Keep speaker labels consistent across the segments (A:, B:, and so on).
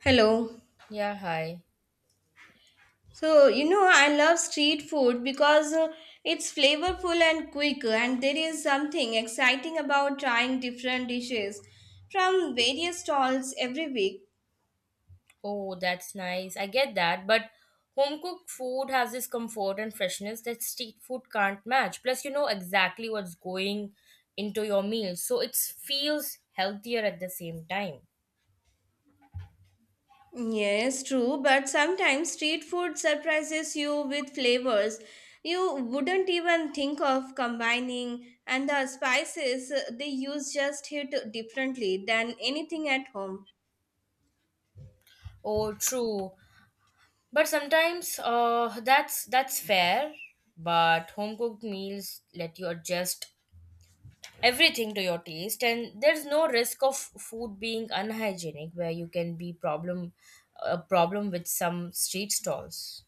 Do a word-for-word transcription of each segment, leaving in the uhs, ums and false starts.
A: Hello.
B: Yeah, hi.
A: So, you know, I love street food because uh, it's flavorful and quick, and there is something exciting about trying different dishes from various stalls every week.
B: Oh, that's nice. I get that, but home cooked food has this comfort and freshness that street food can't match. Plus, you know exactly what's going into your meal, so it feels healthier at the same time.
A: Yes, true, but sometimes street food surprises you with flavors you wouldn't even think of combining, and the spices uh, they use just hit differently than anything at home.
B: Oh, true. But sometimes, uh, that's that's fair. But home cooked meals let you adjust everything to your taste and there's no risk of food being unhygienic where you can be problem a problem with some street stalls.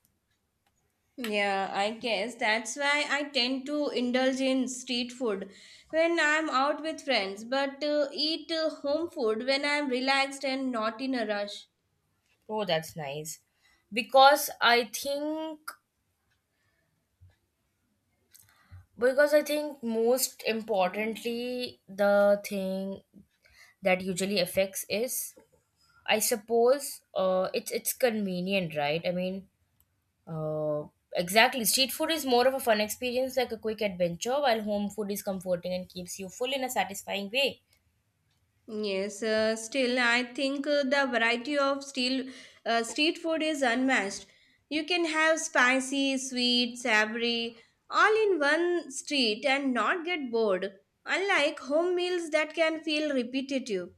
A: Yeah, I guess that's why I tend to indulge in street food when I'm out with friends, but uh, eat uh, home food when I'm relaxed and not in a rush.
B: Oh, that's nice because I think because i think most importantly the thing that usually affects is I suppose uh, it's it's convenient, right? I mean, uh, exactly, street food is more of a fun experience, like a quick adventure, while home food is comforting and keeps you full in a satisfying way.
A: Yes, uh, still, I think uh, the variety of steel, uh, street food is unmatched. You can have spicy, sweet, savory, all in one street and not get bored, unlike home meals that can feel repetitive.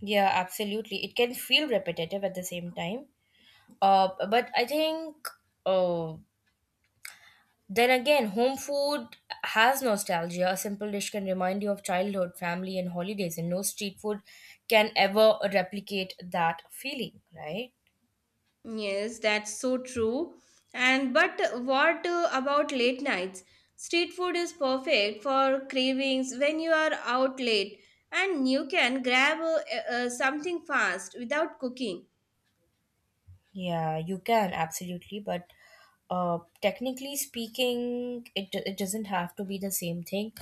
B: Yeah, absolutely. It can feel repetitive at the same time. Uh, but I think, uh, then again, home food has nostalgia. A simple dish can remind you of childhood, family, and holidays, and no street food can ever replicate that feeling, right?
A: Yes, that's so true. And but what uh, about late nights? Street food is perfect for cravings when you are out late and you can grab uh, uh, something fast without cooking.
B: Yeah, you can absolutely, but uh, technically speaking, it it doesn't have to be the same thing.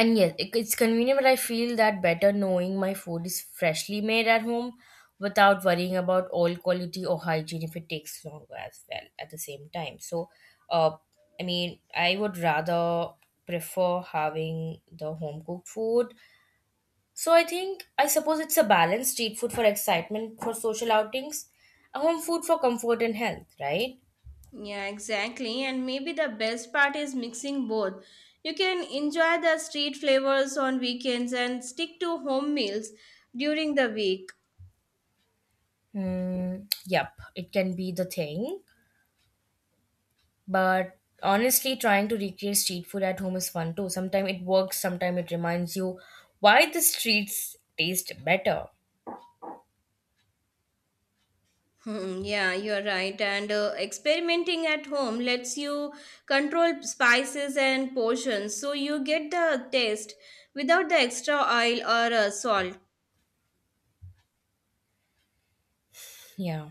B: And yes, it- it's convenient, but I feel that better knowing my food is freshly made at home without worrying about oil quality or hygiene if it takes longer as well at the same time. So, uh, I mean, I would rather prefer having the home cooked food. So I think, I suppose, it's a balance: street food for excitement, for social outings, and home food for comfort and health, right?
A: Yeah, exactly. And maybe the best part is mixing both. You can enjoy the street flavors on weekends and stick to home meals during the week.
B: Mm, yep, it can be the thing. But honestly, trying to recreate street food at home is fun too. Sometimes it works, sometimes it reminds you why the streets taste better.
A: Hmm, yeah, you're right. And uh, experimenting at home lets you control spices and portions, so you get the taste without the extra oil or uh, salt.
B: Yeah.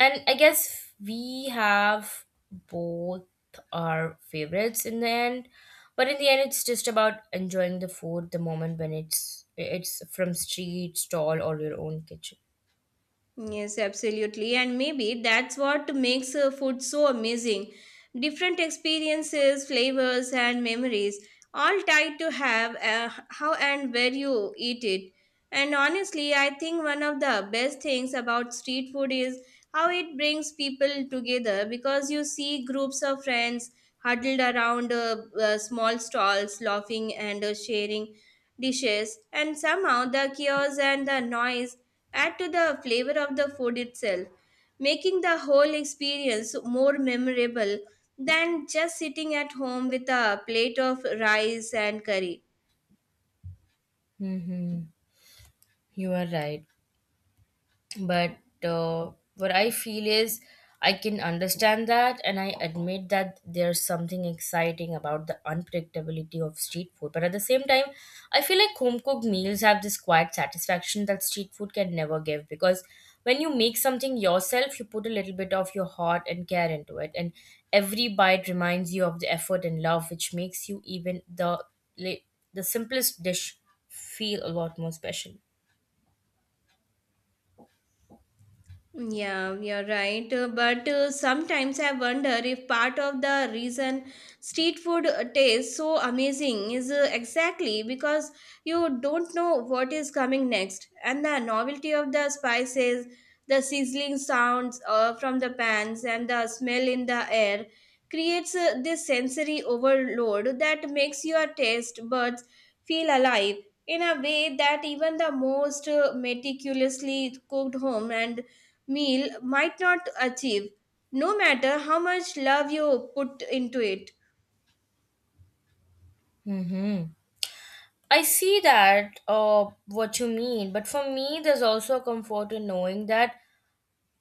B: And I guess we have both our favorites in the end. But in the end it's just about enjoying the food, the moment, when it's it's from street, stall or your own kitchen.
A: Yes, absolutely. And maybe that's what makes uh, food so amazing. Different experiences, flavors, and memories, all tied to have uh, how and where you eat it. And honestly, I think one of the best things about street food is how it brings people together because you see groups of friends huddled around uh, uh, small stalls, laughing and uh, sharing dishes. And somehow the chaos and the noise add to the flavor of the food itself, making the whole experience more memorable than just sitting at home with a plate of rice and curry.
B: Mm-hmm. You are right. but uh, what I feel is I can understand that, and I admit that there's something exciting about the unpredictability of street food, but at the same time I feel like home cooked meals have this quiet satisfaction that street food can never give, because when you make something yourself you put a little bit of your heart and care into it, and every bite reminds you of the effort and love, which makes you even the the simplest dish feel a lot more special.
A: Yeah, you're right. Uh, But uh, sometimes I wonder if part of the reason street food uh, tastes so amazing is uh, exactly because you don't know what is coming next. And the novelty of the spices, the sizzling sounds uh, from the pans, and the smell in the air creates uh, this sensory overload that makes your taste buds feel alive in a way that even the most uh, meticulously cooked home and meal might not achieve, no matter how much love you put into it.
B: Mhm. I see that uh, what you mean, but for me, there's also a comfort in knowing that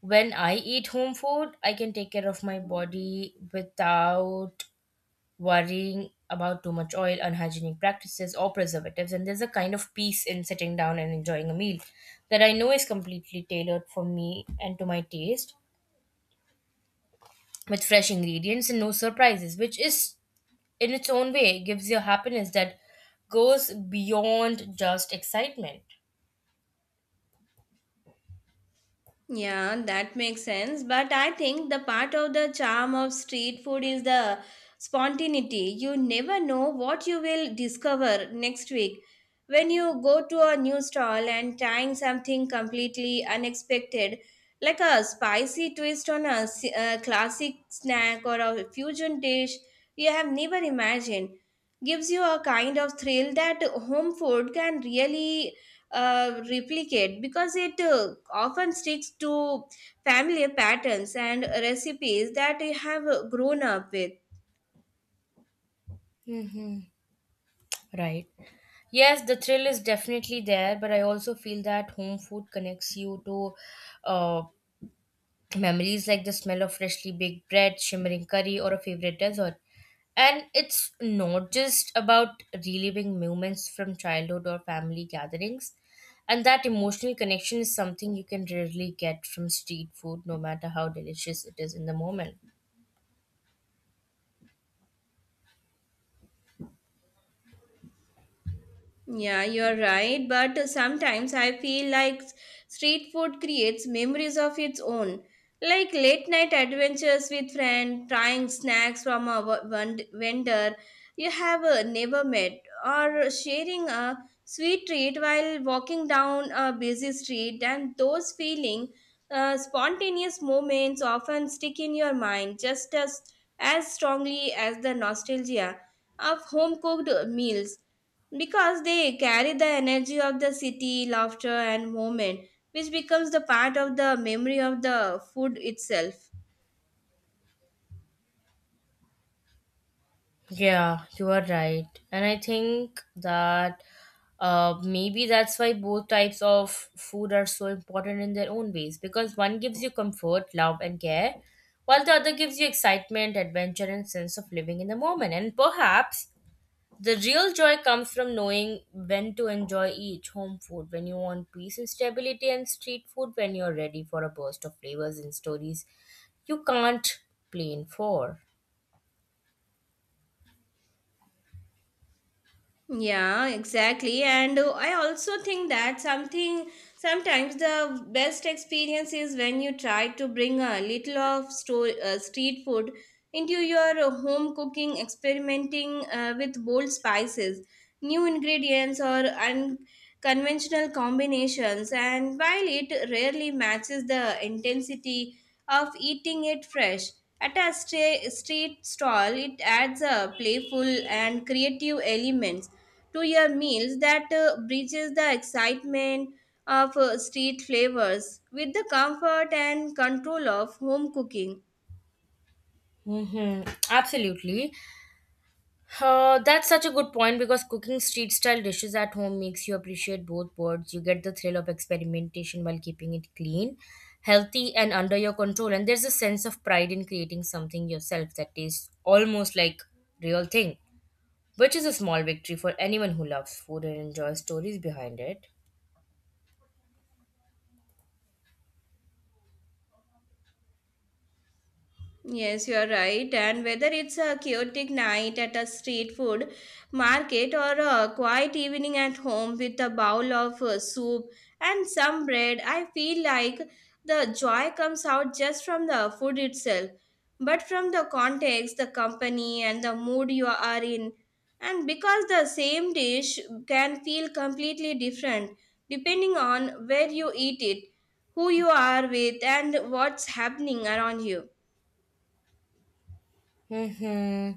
B: when I eat home food, I can take care of my body without worrying about too much oil, unhygienic practices, or preservatives. And there's a kind of peace in sitting down and enjoying a meal that I know is completely tailored for me and to my taste, with fresh ingredients and no surprises, which is in its own way gives you happiness that goes beyond just excitement.
A: Yeah, that makes sense. But I think the part of the charm of street food is the spontaneity. You never know what you will discover next week. When you go to a new stall and trying something completely unexpected, like a spicy twist on a, s- a classic snack or a fusion dish you have never imagined, gives you a kind of thrill that home food can really uh, replicate because it uh, often sticks to familiar patterns and recipes that we have uh, grown up with.
B: Hmm. Right. Yes, the thrill is definitely there, but I also feel that home food connects you to uh, memories, like the smell of freshly baked bread, shimmering curry, or a favorite dessert. And it's not just about reliving moments from childhood or family gatherings. And that emotional connection is something you can rarely get from street food, no matter how delicious it is in the moment.
A: Yeah, you're right, but sometimes I feel like s- street food creates memories of its own. Like late night adventures with friends, trying snacks from a v- vend- vendor you have uh, never met, or sharing a sweet treat while walking down a busy street, and those feeling uh, spontaneous moments often stick in your mind just as as strongly as the nostalgia of home cooked meals because they carry the energy of the city, laughter, and moment, which becomes the part of the memory of the food itself.
B: Yeah, you are right. And I think that, uh, maybe that's why both types of food are so important in their own ways, because one gives you comfort, love, and care, while the other gives you excitement, adventure, and sense of living in the moment. And perhaps the real joy comes from knowing when to enjoy each: home food when you want peace and stability, and street food when you're ready for a burst of flavors and stories you can't plan for.
A: Yeah, exactly. And uh, I also think that something sometimes the best experience is when you try to bring a little of store, uh, street food into your uh, home cooking, experimenting uh, with bold spices, new ingredients, or unconventional combinations. And while it rarely matches the intensity of eating it fresh, at a stra- street stall, it adds a playful and creative element to your meals that uh, bridges the excitement of uh, street flavors with the comfort and control of home cooking.
B: Mm-hmm. Absolutely. Uh, that's such a good point, because cooking street style dishes at home makes you appreciate both worlds. You get the thrill of experimentation while keeping it clean, healthy, and under your control. And there's a sense of pride in creating something yourself that tastes almost like real thing, which is a small victory for anyone who loves food and enjoys stories behind it.
A: Yes, you are right. And whether it's a chaotic night at a street food market or a quiet evening at home with a bowl of uh, soup and some bread, I feel like the joy comes out just from the food itself, but from the context, the company, and the mood you are in. And because the same dish can feel completely different depending on where you eat it, who you are with, and what's happening around you.
B: Hmm.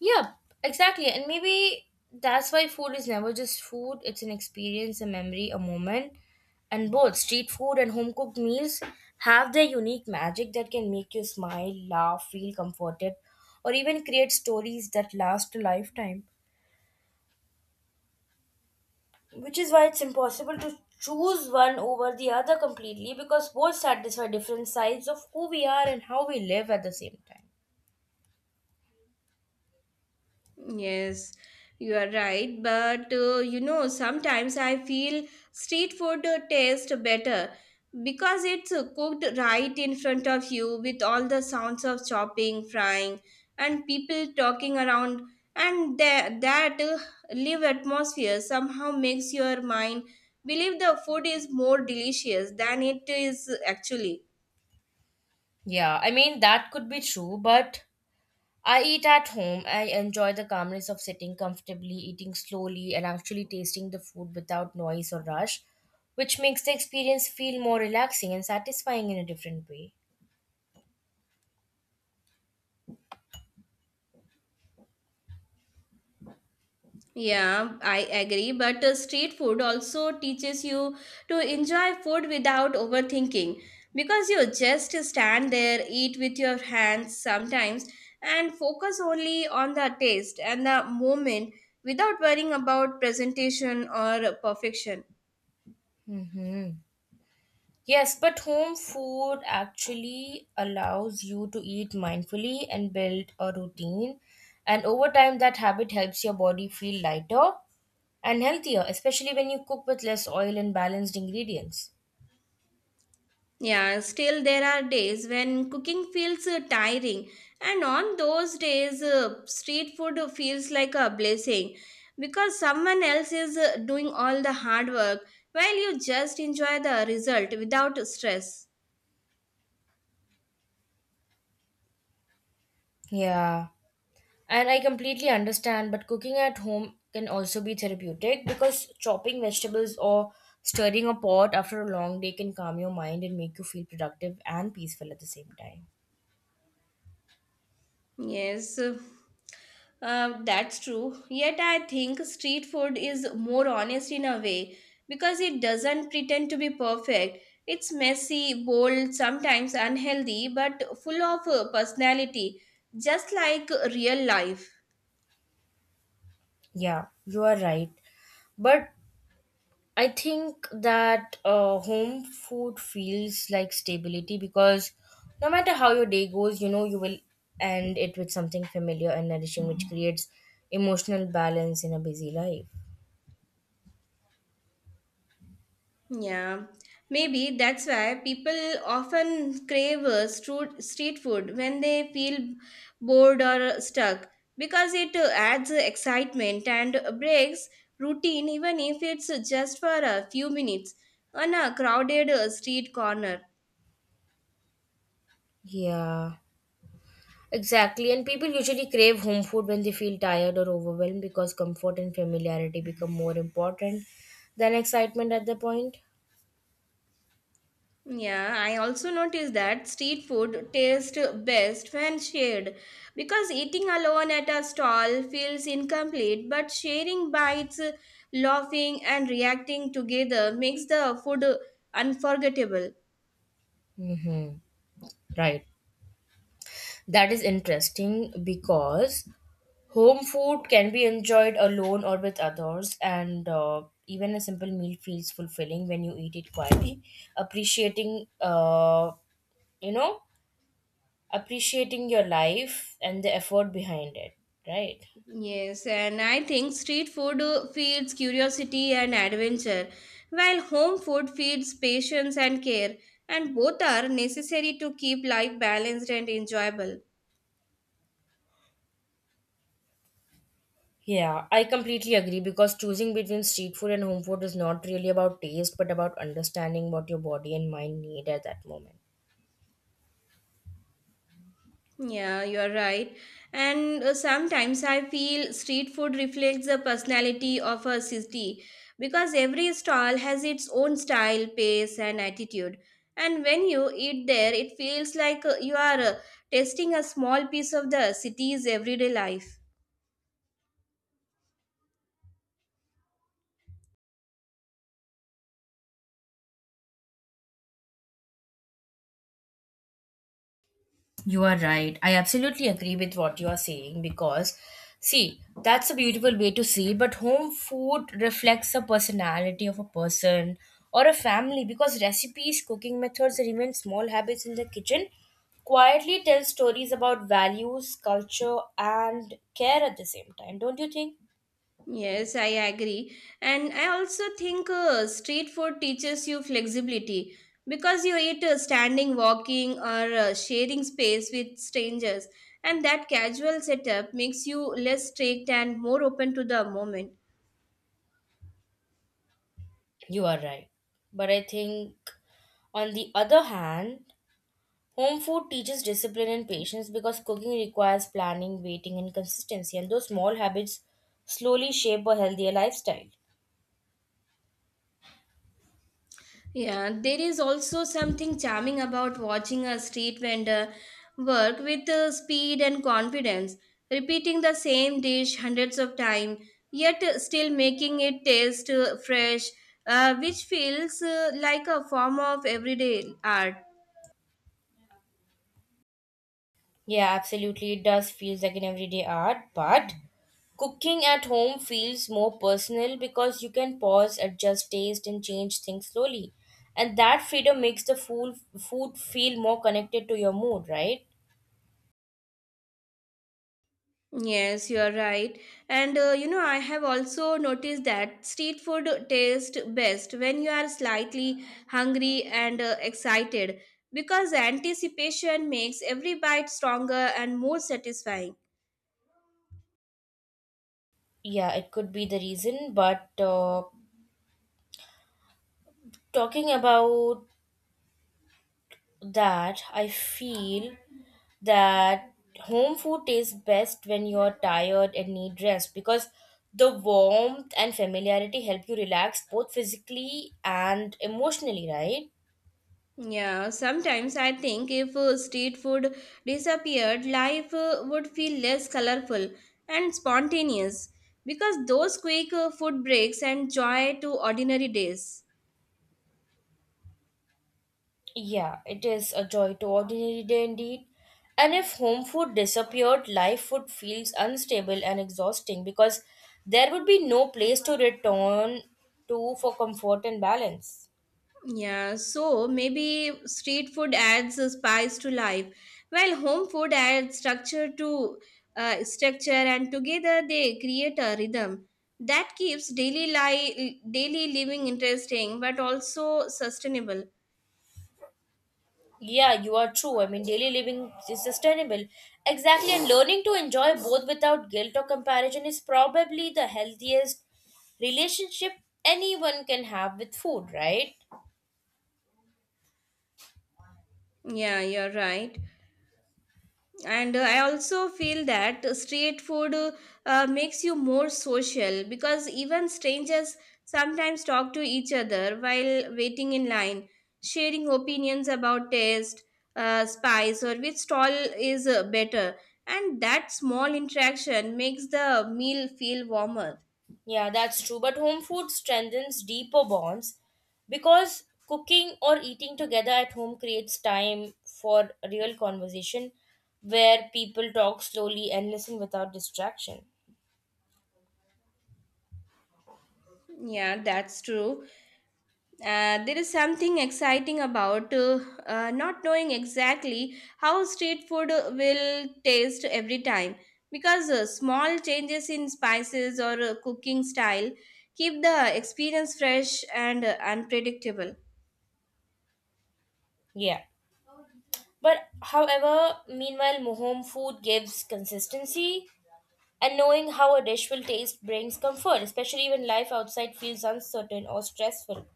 B: Yeah, exactly. And maybe that's why food is never just food. It's an experience, a memory, a moment. And both street food and home cooked meals have their unique magic that can make you smile, laugh, feel comforted, or even create stories that last a lifetime, which is why it's impossible to choose one over the other completely, because both satisfy different sides of who we are and how we live at the same time.
A: Yes, you are right. But uh, you know, sometimes I feel street food uh, tastes better because it's uh, cooked right in front of you with all the sounds of chopping, frying, and people talking around. And that, that uh, live atmosphere somehow makes your mind believe the food is more delicious than it is actually.
B: Yeah, I mean, that could be true, but I eat at home. I enjoy the calmness of sitting comfortably, eating slowly, and actually tasting the food without noise or rush, which makes the experience feel more relaxing and satisfying in a different way.
A: Yeah, I agree. But uh, street food also teaches you to enjoy food without overthinking because you just stand there, eat with your hands sometimes, and focus only on the taste and the moment without worrying about presentation or perfection.
B: Hmm. Yes, but home food actually allows you to eat mindfully and build a routine. And over time, that habit helps your body feel lighter and healthier, especially when you cook with less oil and balanced ingredients.
A: Yeah, still there are days when cooking feels uh, tiring, and on those days, uh, street food feels like a blessing because someone else is uh, doing all the hard work while you just enjoy the result without stress.
B: Yeah. And I completely understand, but cooking at home can also be therapeutic because chopping vegetables or stirring a pot after a long day can calm your mind and make you feel productive and peaceful at the same time.
A: Yes, uh, uh, that's true. Yet I think street food is more honest in a way because it doesn't pretend to be perfect. It's messy, bold, sometimes unhealthy, but full of uh, personality, just like real life.
B: Yeah, you are right. But I think that, uh, home food feels like stability because no matter how your day goes, you know you will end it with something familiar and nourishing, which creates emotional balance in a busy life.
A: Yeah, maybe that's why people often crave uh, stru- street food when they feel bored or stuck because it uh, adds excitement and breaks routine, even if it's just for a few minutes on a crowded uh, street corner.
B: Yeah. Exactly, and people usually crave home food when they feel tired or overwhelmed because comfort and familiarity become more important than excitement at the point.
A: Yeah, I also noticed that street food tastes best when shared because eating alone at a stall feels incomplete, but sharing bites, laughing, and reacting together makes the food unforgettable.
B: Mm-hmm. Right. That is interesting because home food can be enjoyed alone or with others, and uh, even a simple meal feels fulfilling when you eat it quietly, appreciating, uh, you know, appreciating your life and the effort behind it. Right.
A: Yes, and I think street food uh, feeds curiosity and adventure, while home food feeds patience and care, and both are necessary to keep life balanced and enjoyable.
B: Yeah, I completely agree because choosing between street food and home food is not really about taste, but about understanding what your body and mind need at that moment.
A: Yeah, you're right. And uh, sometimes I feel street food reflects the personality of a city because every stall has its own style, pace, and attitude. And when you eat there, it feels like uh, you are uh, tasting a small piece of the city's everyday life.
B: You are right. I absolutely agree with what you are saying because, see, that's a beautiful way to see. But home food reflects the personality of a person or a family because recipes, cooking methods, and even small habits in the kitchen quietly tell stories about values, culture, and care at the same time. Don't you think?
A: Yes, I agree. And I also think uh, street food teaches you flexibility because you eat uh, standing, walking, or uh, sharing space with strangers. And that casual setup makes you less strict and more open to the moment.
B: You are right. But I think, on the other hand, home food teaches discipline and patience because cooking requires planning, waiting, and consistency, and those small habits slowly shape a healthier lifestyle.
A: Yeah, there is also something charming about watching a street vendor work with uh, speed and confidence, repeating the same dish hundreds of times, yet uh, still making it taste uh, fresh, uh, which feels uh, like a form of everyday art.
B: Yeah, absolutely. It does feel like an everyday art, but cooking at home feels more personal because you can pause, adjust taste, and change things slowly. And that freedom makes the food, food feel more connected to your mood, right?
A: Yes, you are right. And uh, you know, I have also noticed that street food tastes best when you are slightly hungry and uh, excited because anticipation makes every bite stronger and more satisfying.
B: Yeah, it could be the reason, but uh, talking about that, I feel that home food tastes best when you're tired and need rest because the warmth and familiarity help you relax both physically and emotionally, right?
A: Yeah, sometimes I think if uh, street food disappeared, life uh, would feel less colorful and spontaneous because those quick uh, food breaks and joy to ordinary days.
B: Yeah, it is a joy to ordinary day indeed. And if home food disappeared, life would feel unstable and exhausting because there would be no place to return to for comfort and balance.
A: Yeah, so maybe street food adds a spice to life, while home food adds structure to uh, structure, and together they create a rhythm that keeps daily life, daily living interesting, but also sustainable.
B: Yeah, you are true. I mean, daily living is sustainable. Exactly. And learning to enjoy both without guilt or comparison is probably the healthiest relationship anyone can have with food, right?
A: Yeah, you're right. And uh, I also feel that street food uh, uh, makes you more social because even strangers sometimes talk to each other while waiting in line sharing opinions about taste, uh, spice or which stall is uh, better, and that small interaction makes the meal feel warmer.
B: Yeah, that's true. But home food strengthens deeper bonds because cooking or eating together at home creates time for real conversation where people talk slowly and listen without distraction.
A: Yeah, that's true. Uh, there is something exciting about uh, uh, not knowing exactly how street food will taste every time because uh, small changes in spices or uh, cooking style keep the experience fresh and uh, unpredictable.
B: Yeah. But however, meanwhile, home food gives consistency, and knowing how a dish will taste brings comfort, especially when life outside feels uncertain or stressful.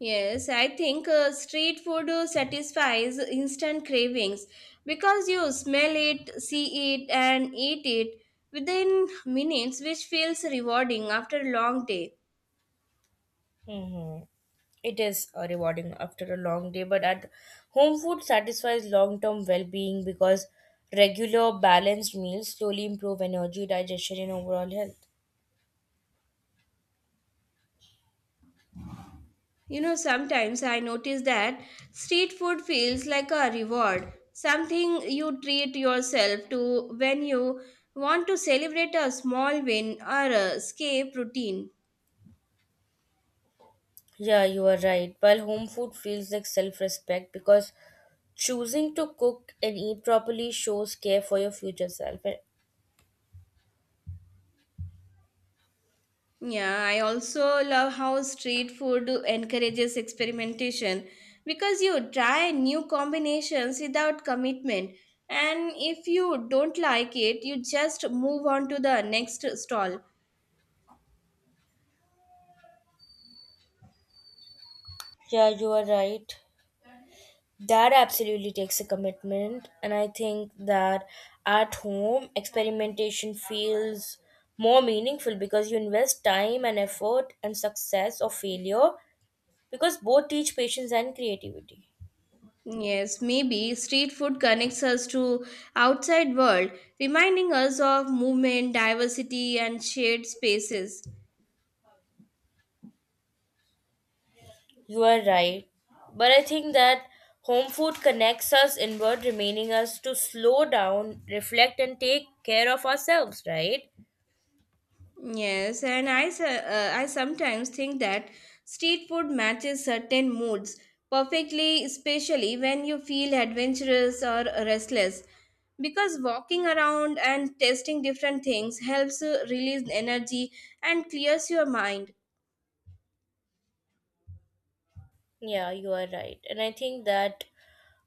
A: Yes, I think uh, street food uh, satisfies instant cravings because you smell it, see it, and eat it within minutes, which feels rewarding after a long day.
B: Mhm. It is uh, rewarding after a long day, but at home food satisfies long term well being because regular, balanced meals slowly improve energy, digestion, and overall health.
A: You know, sometimes I notice that street food feels like a reward, something you treat yourself to when you want to celebrate a small win or a escape routine.
B: Yeah, you are right. While home food feels like self respect because choosing to cook and eat properly shows care for your future self. And
A: Yeah, I also love how street food encourages experimentation because you try new combinations without commitment. And if you don't like it, you just move on to the next stall.
B: yeah, you are right. That absolutely takes a commitment, and I think that at home experimentation feels more meaningful because you invest time and effort and success or failure, because both teach patience and creativity.
A: Yes, maybe street food connects us to outside world, reminding us of movement, diversity and shared spaces.
B: You are right. But I think that home food connects us inward, remaining us to slow down, reflect, and take care of ourselves, right?
A: Yes, and I s- uh, I sometimes think that street food matches certain moods perfectly, especially when you feel adventurous or restless. Because walking around and testing different things helps uh, release energy and clears your mind.
B: Yeah, you are right. And I think that,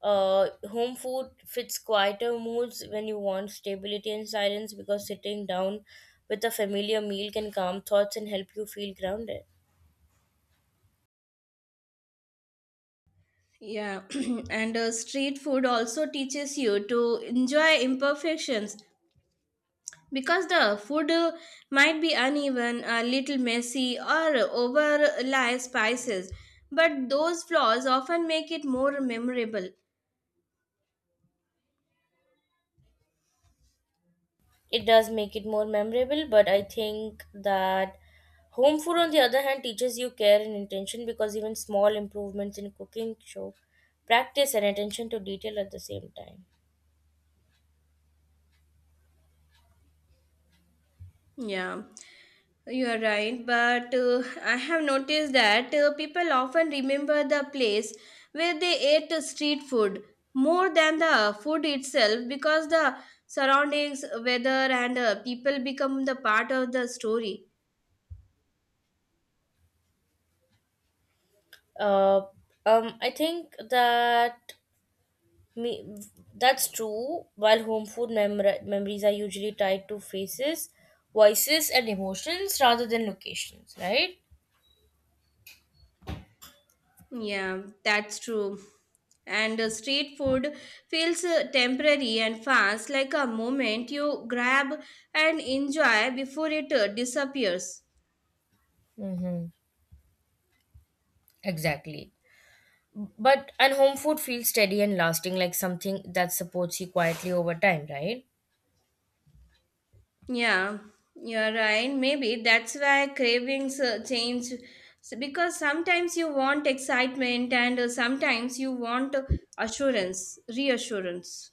B: uh, home food fits quieter moods when you want stability and silence because sitting down with a familiar meal can calm thoughts and help you feel grounded.
A: Yeah, and uh, street food also teaches you to enjoy imperfections because the food uh, might be uneven, a little messy, or overly spices. But those flaws often make it more memorable.
B: It does make it more memorable, but I think that home food, on the other hand, teaches you care and intention because even small improvements in cooking show practice and attention to detail at the same time.
A: Yeah, you are right. But uh, I have noticed that uh, people often remember the place where they ate the street food more than the food itself because the surroundings, weather, and uh, people become the part of the story.
B: Uh, um, I think that Me, that's true. While home food memor- memories are usually tied to faces, voices, and emotions rather than locations, right?
A: Yeah, that's true. And uh, street food feels uh, temporary and fast, like a moment you grab and enjoy before it uh, disappears.
B: Mm-hmm. Exactly. But and home food feels steady and lasting, like something that supports you quietly over time, right?
A: Yeah, you're right. Maybe that's why cravings uh, change S- because sometimes you want excitement and uh, sometimes you want uh, assurance, reassurance.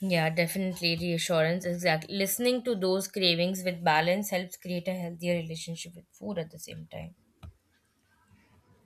B: Yeah, definitely reassurance. Exactly. Listening to those cravings with balance helps create a healthier relationship with food at the same time.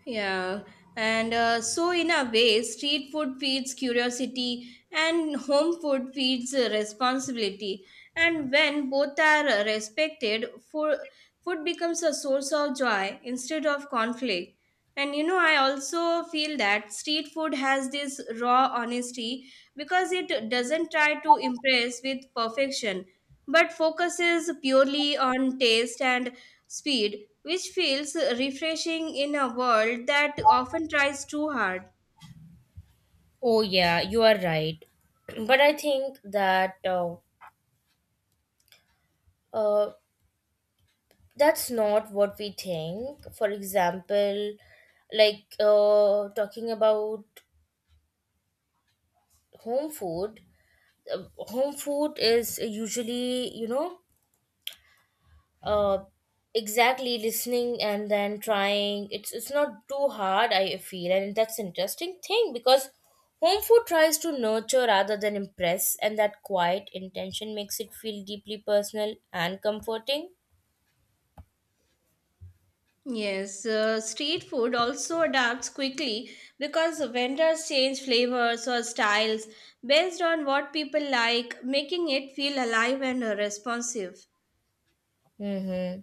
A: Yeah, and uh, so in a way, street food feeds curiosity and home food feeds uh, responsibility. And when both are uh, respected, food, food becomes a source of joy instead of conflict. And you know, I also feel that street food has this raw honesty because it doesn't try to impress with perfection but focuses purely on taste and speed, which feels refreshing in a world that often tries too hard.
B: Oh yeah, you are right. But I think that uh, uh, that's not what we think, for example, like, uh, talking about home food, uh, home food is usually, you know, uh, exactly listening and then trying, it's it's not too hard I feel. And that's interesting thing because home food tries to nurture rather than impress, and that quiet intention makes it feel deeply personal and comforting.
A: Yes, uh, street food also adapts quickly because vendors change flavors or styles based on what people like, making it feel alive and uh, responsive.
B: Mm-hmm.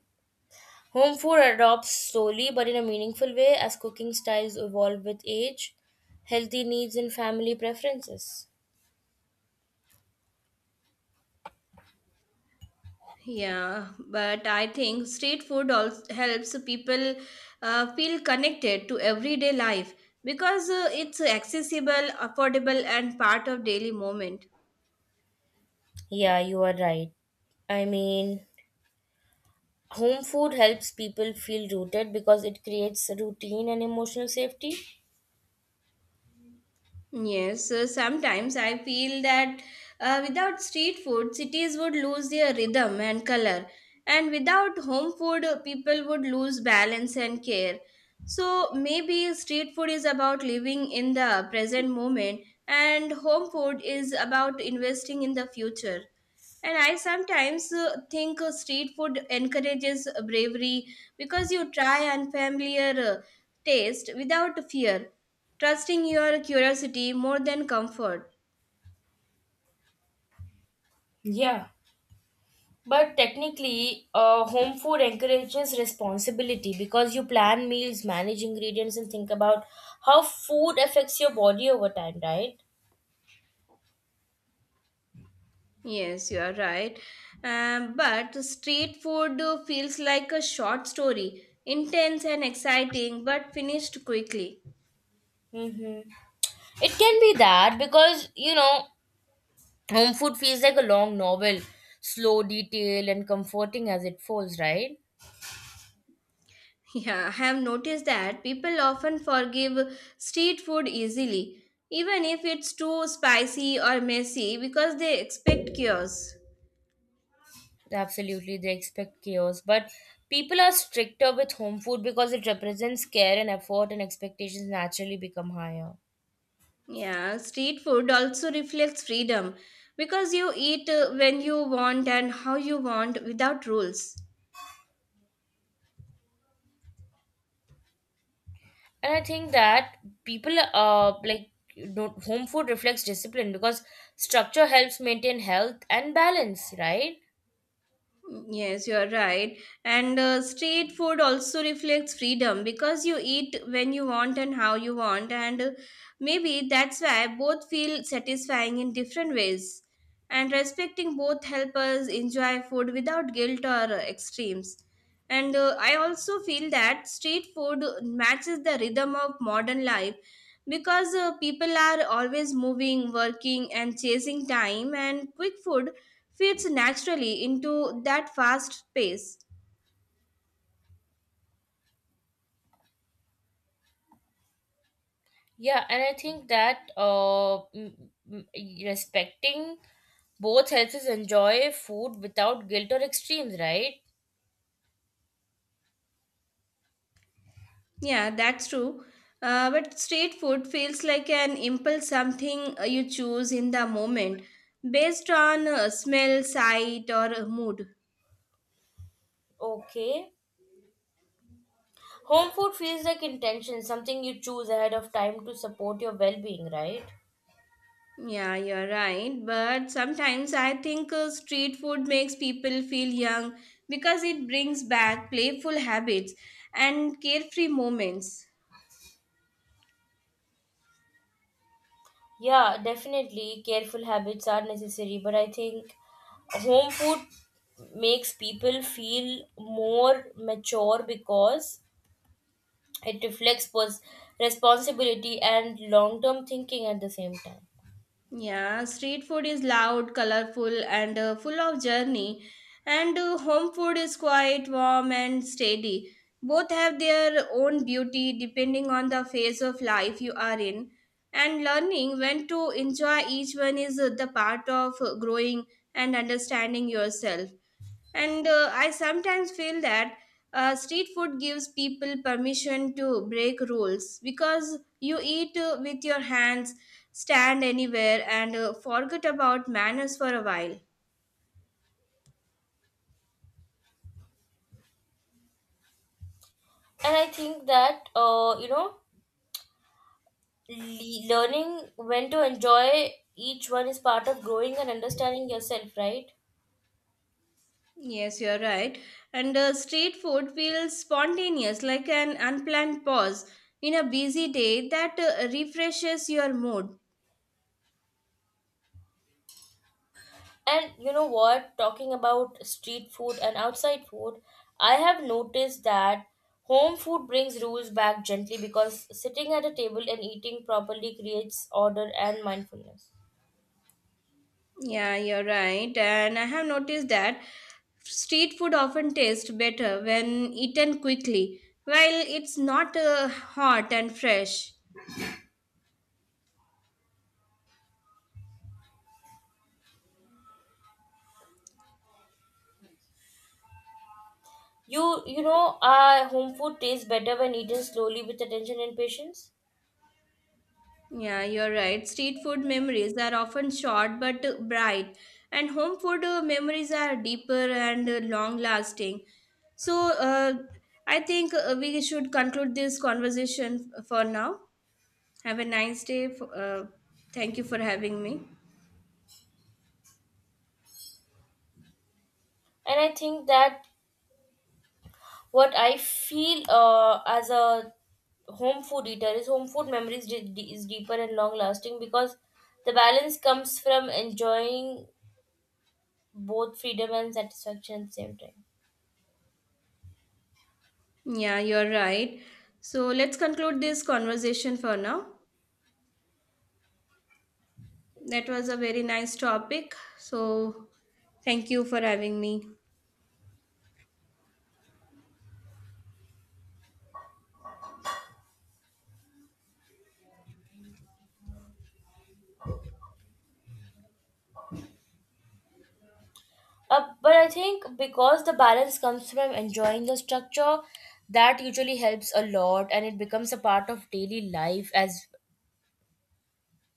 B: Home food adopts slowly but in a meaningful way, as cooking styles evolve with age, healthy needs, and family preferences.
A: Yeah, but I think street food also helps people uh, feel connected to everyday life because uh, it's accessible, affordable, and part of daily moment.
B: Yeah, you are right. I mean, home food helps people feel rooted because it creates routine and emotional safety.
A: Yes, uh, sometimes I feel that uh, without street food, cities would lose their rhythm and color, and without home food, uh, people would lose balance and care. So maybe street food is about living in the present moment, and home food is about investing in the future. And I sometimes uh, think uh, street food encourages bravery because you try unfamiliar uh, taste without fear, trusting your curiosity more than comfort.
B: Yeah. But technically, uh, home food encourages responsibility because you plan meals, manage ingredients, and think about how food affects your body over time, right?
A: Yes, you are right. Um, but street food uh, feels like a short story, intense and exciting, but finished quickly.
B: Mm-hmm. It can be that because, you know, home food feels like a long novel, slow, detailed, and comforting as it folds, right?
A: Yeah, I have noticed that people often forgive street food easily, even if it's too spicy or messy, because they expect cures.
B: Absolutely, they expect chaos. But people are stricter with home food because it represents care and effort, and expectations naturally become higher.
A: Yeah, street food also reflects freedom because you eat uh, when you want and how you want without rules.
B: And I think that people, uh, like, don't, home food reflects discipline because structure helps maintain health and balance, right?
A: Yes, you are right. And uh, street food also reflects freedom because you eat when you want and how you want. And uh, maybe that's why both feel satisfying in different ways. And respecting both help us enjoy food without guilt or uh, extremes. And uh, I also feel that street food matches the rhythm of modern life because uh, people are always moving, working, and chasing time, and quick food fits naturally into that fast pace.
B: Yeah, and I think that uh, m- m- respecting both helps us enjoy food without guilt or extremes, right?
A: Yeah, that's true. Uh, but street food feels like an impulse, something uh, you choose in the moment based on uh, smell, sight, or uh, mood.
B: Okay. Home food feels like intention, something you choose ahead of time to support your well being, right?
A: Yeah, you're right. But sometimes I think uh, street food makes people feel young because it brings back playful habits and carefree moments.
B: Yeah, definitely. Careful habits are necessary, but I think home food makes people feel more mature because it reflects pers- responsibility and long term thinking at the same time.
A: Yeah, street food is loud, colorful, and uh, full of journey, and uh, home food is quiet, warm, and steady. Both have their own beauty depending on the phase of life you are in, and learning when to enjoy each one is uh, the part of uh, growing and understanding yourself. And uh, I sometimes feel that uh, street food gives people permission to break rules because you eat uh, with your hands, stand anywhere, and uh, forget about manners for a while.
B: And I think that, uh, you know, le- learning when to enjoy each one is part of growing and understanding yourself, right?
A: Yes, you're right. And uh, street food feels spontaneous, like an unplanned pause in a busy day that uh, refreshes your mood.
B: And you know what, talking about street food and outside food, I have noticed that home food brings rules back gently because sitting at a table and eating properly creates order and mindfulness.
A: Yeah, you're right. And I have noticed that street food often tastes better when eaten quickly, while it's not uh, hot and fresh.
B: you you know, uh, home food tastes better when eaten slowly with attention and patience.
A: Yeah, you're right. Street food memories are often short but uh, bright, and home food uh, memories are deeper and uh, long lasting. So, uh, I think uh, we should conclude this conversation f- for now. Have a nice day. F- uh, thank you for having me.
B: And I think that what I feel, uh, as a home food eater, is home food memories de- de- is deeper and long lasting because the balance comes from enjoying both freedom and satisfaction at the same time.
A: Yeah, you're right. So let's conclude this conversation for now. That was a very nice topic. So thank you for having me.
B: Uh, but I think because the balance comes from enjoying the structure, that usually helps a lot and it becomes a part of daily life as